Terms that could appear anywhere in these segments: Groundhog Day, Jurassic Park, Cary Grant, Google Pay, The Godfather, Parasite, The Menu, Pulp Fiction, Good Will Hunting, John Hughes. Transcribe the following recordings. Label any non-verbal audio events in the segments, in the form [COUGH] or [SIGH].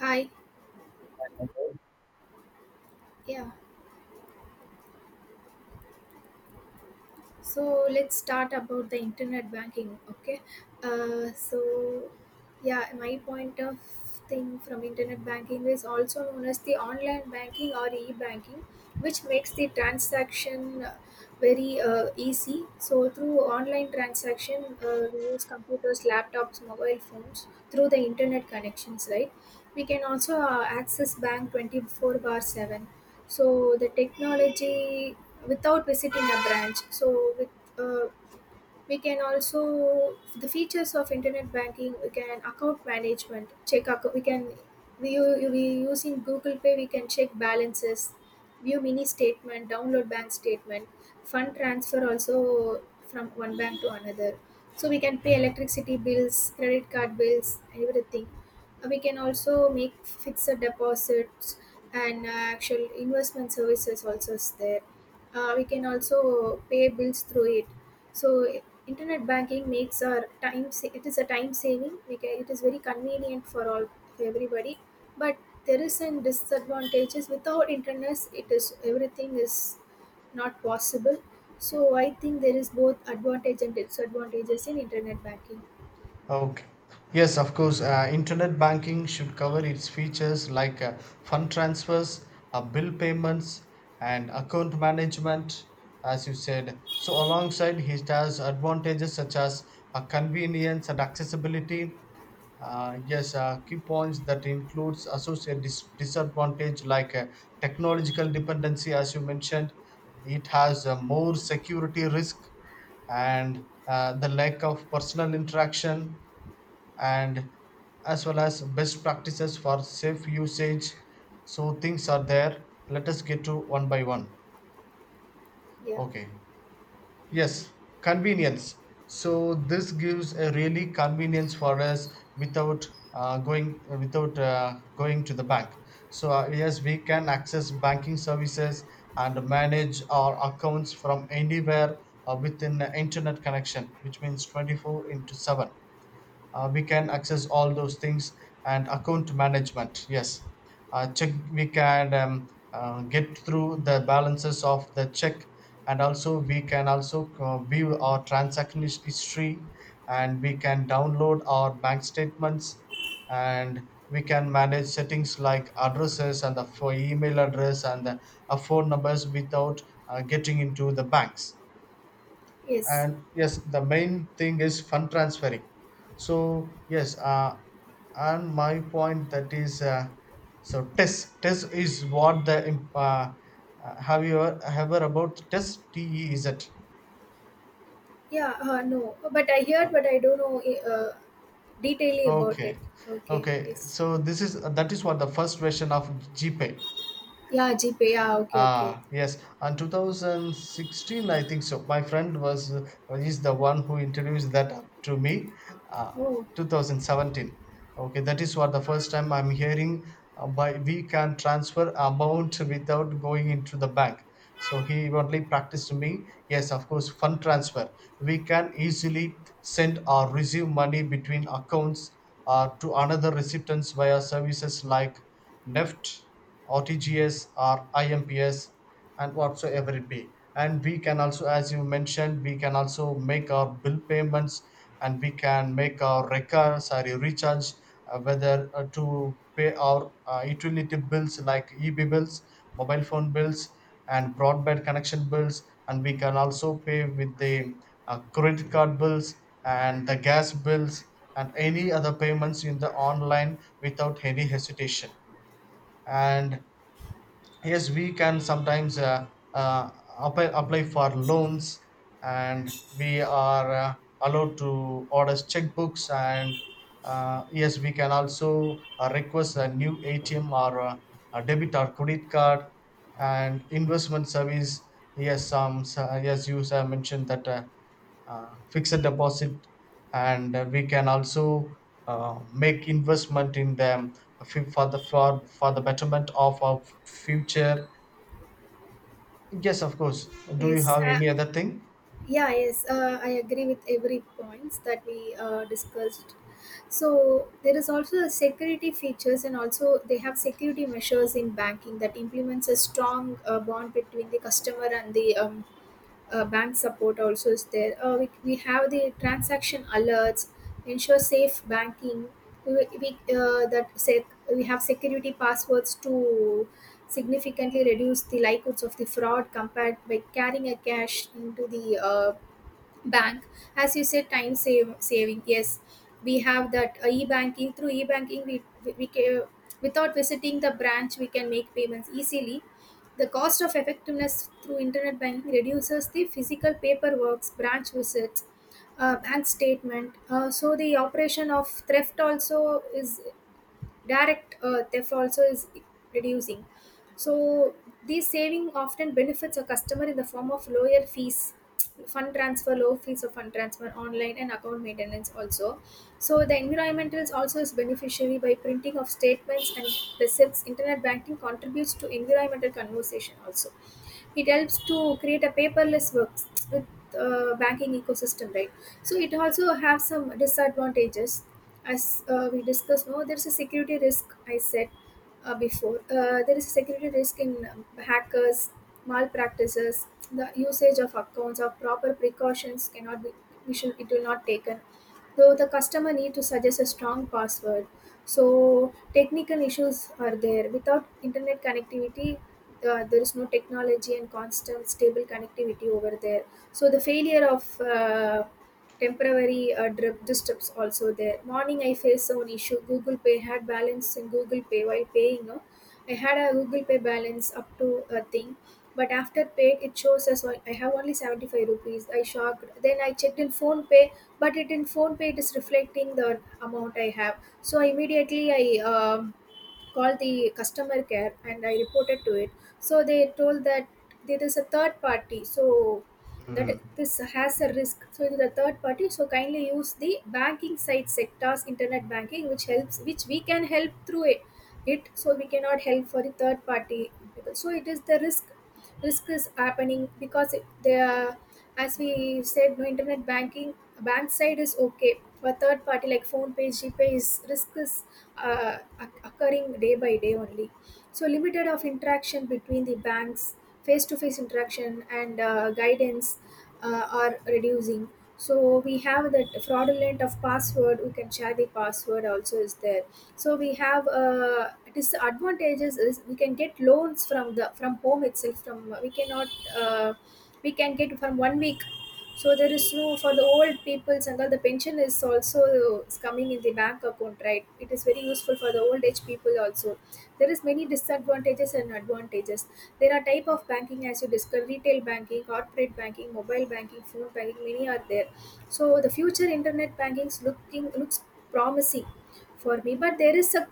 Hi, yeah. So let's start about the internet banking, okay? Uh, so yeah, my point of thing from internet banking is also known as the online banking or e-banking, which makes the transaction very easy. So through online transaction, we use computers, laptops, mobile phones through the internet connections, right? We can also access bank 24 bar 7, so the technology without visiting a branch. So with uh, we can also the features of internet banking, we can account management, check account, we can we using Google Pay we can check balances, view mini statement, download bank statement, fund transfer also from one bank to another. So we can pay electricity bills, credit card bills, everything. We can also make fixed deposits and actual investment services also is there. We can also pay bills through it. So internet banking makes our time. It is a time saving. It is very convenient for all, for everybody. But there is some disadvantages. Without internet, it is everything is not possible. So I think there is both advantage and disadvantages in internet banking. Okay. Yes, of course. Internet banking should cover its features like fund transfers, bill payments, and account management, as you said. So, alongside, it has advantages such as convenience and accessibility. Yes, key points that includes disadvantage like technological dependency, as you mentioned. It has more security risk and the lack of personal interaction and as well as best practices for safe usage, so things are there. Let us get to one by one. Yeah. Okay. Yes, convenience. So this gives a really convenience for us without going to the bank. So yes, we can access banking services and manage our accounts from anywhere within the internet connection, which means 24 into 7. We can access all those things, and account management, yes. Check we can Get through the balances of the check, and also we can also view our history, and we can download our bank statements, and we can manage settings like addresses and the for email address and the phone numbers without getting into the banks. Yes. And yes, the main thing is fund transferring. So yes, and my point that is so test test is what the imp- have you ever about test te, is it? Yeah. No. But I heard, but I don't know detailedly about it. Okay. Okay. Okay, Yes. so this is that is what the first version of gpay. Yeah. GPay. Yeah. Okay. Okay. Ah, yes, and 2016, I think so. My friend was is the one who introduced that up to me. Uh, Oh. 2017. Okay, that is what the first time I'm hearing by we can transfer amount without going into the bank. So he only practiced to me. Yes, of course, fund transfer. We can easily send or receive money between accounts to another recipients via services like Neft, RTGS or IMPS, and whatsoever it be. And we can also, as you mentioned, we can also make our bill payments, and we can make our recharge, whether to pay our utility bills like EB bills, mobile phone bills, and broadband connection bills. And we can also pay with the credit card bills and the gas bills and any other payments in the online without any hesitation. And yes, we can sometimes uh, apply for loans, and we are allowed to order checkbooks, and yes, we can also request a new atm or a debit or credit card and investment service. Yes, you have mentioned that fixed deposit, and we can also make investment in them for, the betterment of our future. Yes, of course. Do you Yes. have any other thing? yeah, yes, I agree with every points that we discussed. So there is also a security features, and also they have security measures in banking that implements a strong bond between the customer and the bank support. Also, is there? We have the transaction alerts, ensure safe banking. We we have security passwords to significantly reduce the likelihoods of the fraud compared by carrying a cash into the bank. As you said, time save, saving, yes. We have that e-banking. Through e-banking, without visiting the branch we can make payments easily. The cost of effectiveness through internet banking reduces the physical paperwork, branch visits, bank statement. So the operation of theft also is direct theft also is reducing. So these saving often benefits a customer in the form of lower fees, fund transfer, low fees of fund transfer online and account maintenance also. So the environmentalist also is beneficiary. By printing of statements and receipts, internet banking contributes to environmental conversation also. It helps to create a paperless works with banking ecosystem, right? So it also have some disadvantages. As we discussed no, there's a security risk I said before. There is a security risk in hackers, malpractices. The usage of accounts or proper precautions cannot be, we should, it will not taken, though the customer need to suggest a strong password. So technical issues are there. Without internet connectivity, there is no technology and constant stable connectivity over there. So the failure of temporary drip disturbs also there. Morning I faced some issue. Google Pay had balance in Google Pay while paying, no? I had a Google Pay balance up to a thing, but after paid it shows us I have only 75 rupees. I shocked. Then I checked in Phone Pay, but it in Phone Pay it is reflecting the amount I have. So immediately I um, called the customer care and I reported to it. So they told that there is a third party, so that this has a risk. So it is a third party, so kindly use the banking site sectors, internet banking, which helps, which we can help through it. So we cannot help for the third party people. So it is the risk. Risk is happening because they are, as we said no, internet banking bank side is okay, but third party like Phone Page, GPay is risk is occurring day by day only. So limited of interaction between the banks, face-to-face interaction and guidance are reducing. So we have that fraudulent of password, we can share the password also is there. So we have disadvantages is we can get loans from the from home itself, from we cannot uh, we can get from one week. So there is no for the old peoples, and all the pension is also is coming in the bank account, right? It is very useful for the old age people also. There is many disadvantages and advantages. There are type of banking as you discussed: retail banking, corporate banking, mobile banking, phone banking, many are there. So the future internet banking looking looks promising for me, but there is a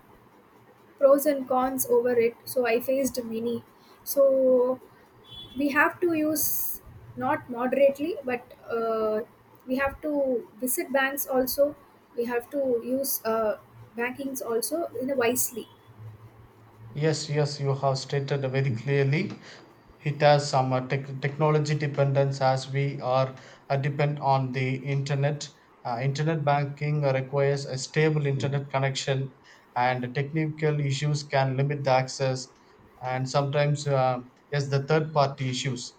pros and cons over it. So I faced many. So we have to use not moderately but uh, we have to visit banks also. We have to use bankings also in a wisely. Yes, yes, you have stated very clearly. It has some technology dependence, as we are depend on the internet. Internet banking requires a stable internet connection, and technical issues can limit the access, and sometimes, yes, the third party issues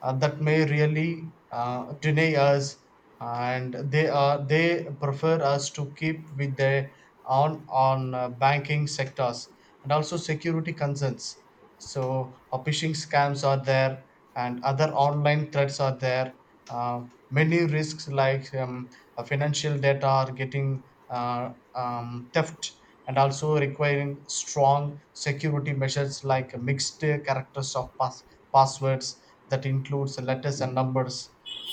that may really deny us, and they prefer us to keep with their on banking sectors, and also security concerns. So phishing scams are there and other online threats are there. uh, Many risks like financial data are getting theft, and also requiring strong security measures like mixed characters of passwords that includes letters and numbers.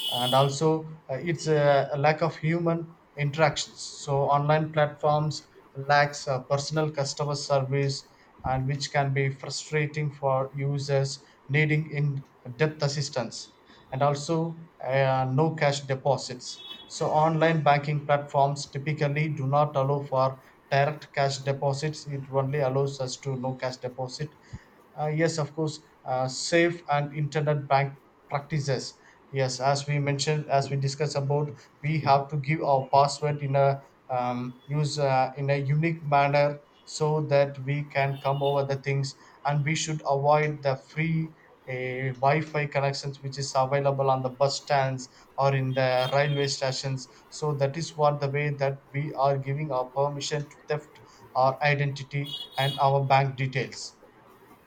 And also it's a lack of human interactions, so online platforms lacks personal customer service, and which can be frustrating for users needing in depth assistance. And also no cash deposits, so online banking platforms typically do not allow for direct cash deposits. It only allows us to no cash deposit. Uh, yes, of course, safe and internet bank practices. Yes, as we mentioned, as we discussed about, we have to give our password in a use in a unique manner so that we can come over the things, and we should avoid the free Wi-Fi connections which is available on the bus stands or in the railway stations. So that is what the way that we are giving our permission to theft our identity and our bank details.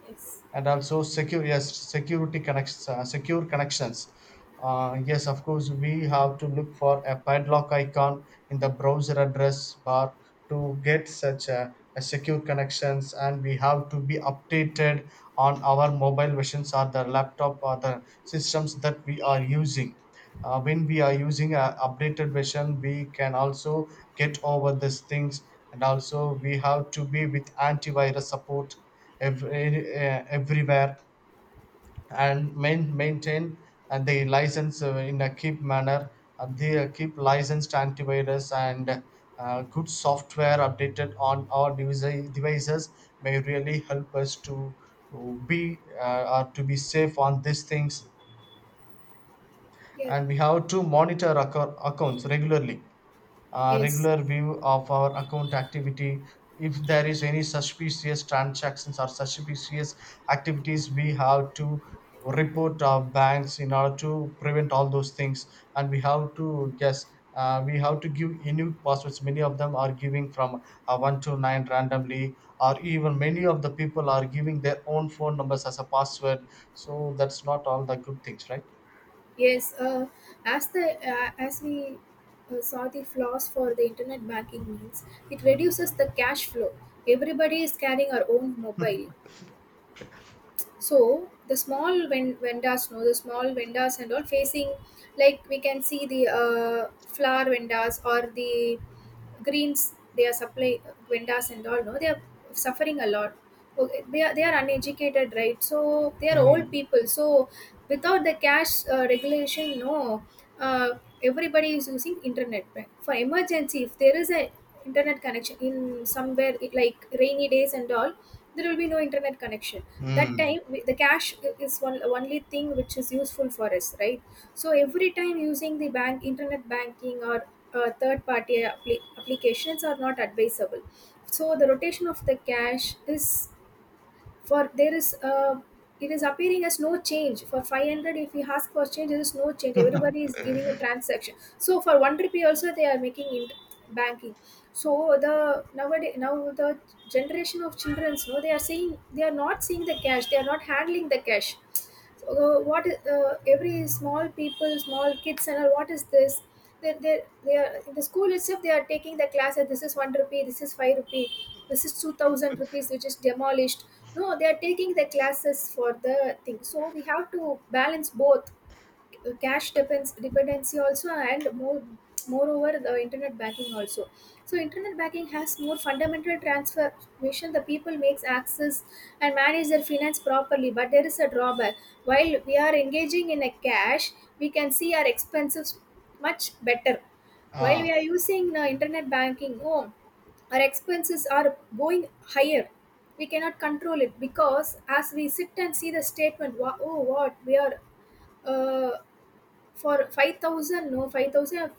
Yes. And also secure yes security connections, secure connections. Uh, yes, of course, we have to look for a padlock icon in the browser address bar to get such a secure connections, and we have to be updated on our mobile versions or the laptop or the systems that we are using. When we are using a updated version, we can also get over these things. And also we have to be with antivirus support every, everywhere, and maintain and the license in a keep manner, and they keep licensed antivirus and good software updated on our devices may really help us to uh, be or to be safe on these things. Yeah. And we have to monitor accounts regularly, Yes, regular view of our account activity. If there is any suspicious transactions or suspicious activities, we have to report our banks in order to prevent all those things. And we have to, yes, we have to give unique passwords. Many of them are giving from one to nine randomly, or even many of the people are giving their own phone numbers as a password. So that's not all the good things, right? yes. As we saw the flaws for the internet banking means, it reduces the cash flow. Everybody is carrying our own mobile, so the vendors no, the small vendors and all facing, like we can see the flower vendors or the greens, they are supply vendors and all no, they are suffering a lot. Okay, they are uneducated, right? So they are old Mm. people. So without the cash regulation no, uh, everybody is using internet, right? For emergency, if there is a internet connection in somewhere it like rainy days and all, there will be no internet connection. That Mm. time the cash is one only thing which is useful for us, right? So every time using the bank, internet banking or third party applications are not advisable. So the rotation of the cash is, for there is it is appearing as no change for 500, if we ask for change there is no change, everybody is giving a transaction. So for 1 rupee also they are making banking. So the nowadays now, the generation of children no, they are saying they are not seeing the cash, they are not handling the cash. So, what is every small people, small kids and all, what is this? They are in the school itself, they are taking the class that this is 1 rupee, this is 5 rupee, this is 2000 rupees which is demolished no, they are taking the classes for the thing. So we have to balance both cash depends dependency also and moreover the internet banking also. So internet banking has more fundamental transformation, the people makes access and manage their finance properly, but there is a drawback. While we are engaging in a cash, we can see our expenses much better. While we are using internet banking, oh our expenses are going higher, we cannot control it. Because as we sit and see the statement oh what we are uh, for 5000 no, 5000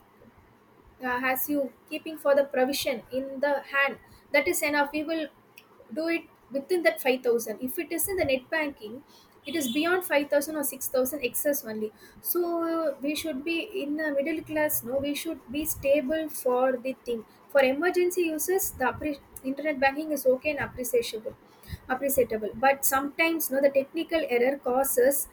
has you keeping for the provision in the hand, that is enough we will do it within that 5000. If it is in the net banking, it is beyond 5000 or 6000 excess only. So we should be in a middle class no, we should be stable for the thing. For emergency uses the internet banking is okay and appreciable. But sometimes no, the technical error causes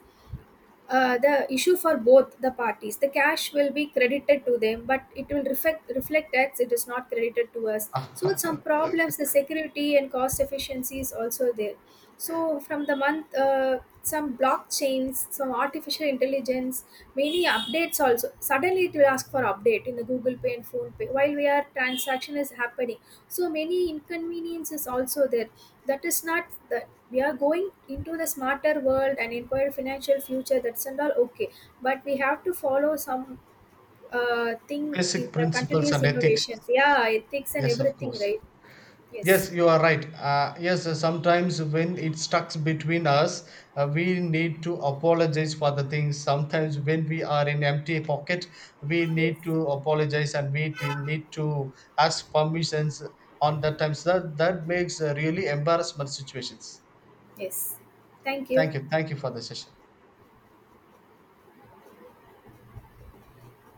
the issue for both the parties. The cash will be credited to them, but it will reflect tax. It is not credited to us. So with Ah, [LAUGHS] some problems, the security and cost efficiency is also there. So from the month, some blockchains, some artificial intelligence, many updates also. Suddenly it will ask for update in the Google Pay and Phone Pay while we are transaction is happening. So many inconveniences also there. That is not the we are going into the smarter world and inquire financial future, that's and all okay. But we have to follow some thing in basic the principles continuous and ethics. innovations, yeah, ethics and Yes, of everything, course. right? Yes. Yes, you are right. Yes, sometimes when it stuck between us, we need to apologize for the things. Sometimes when we are in empty pocket, we need Yes. to apologize and we need to ask permissions on that times. That, that makes a really embarrassment situations. Yes. Thank you. Thank you. Thank you for the session.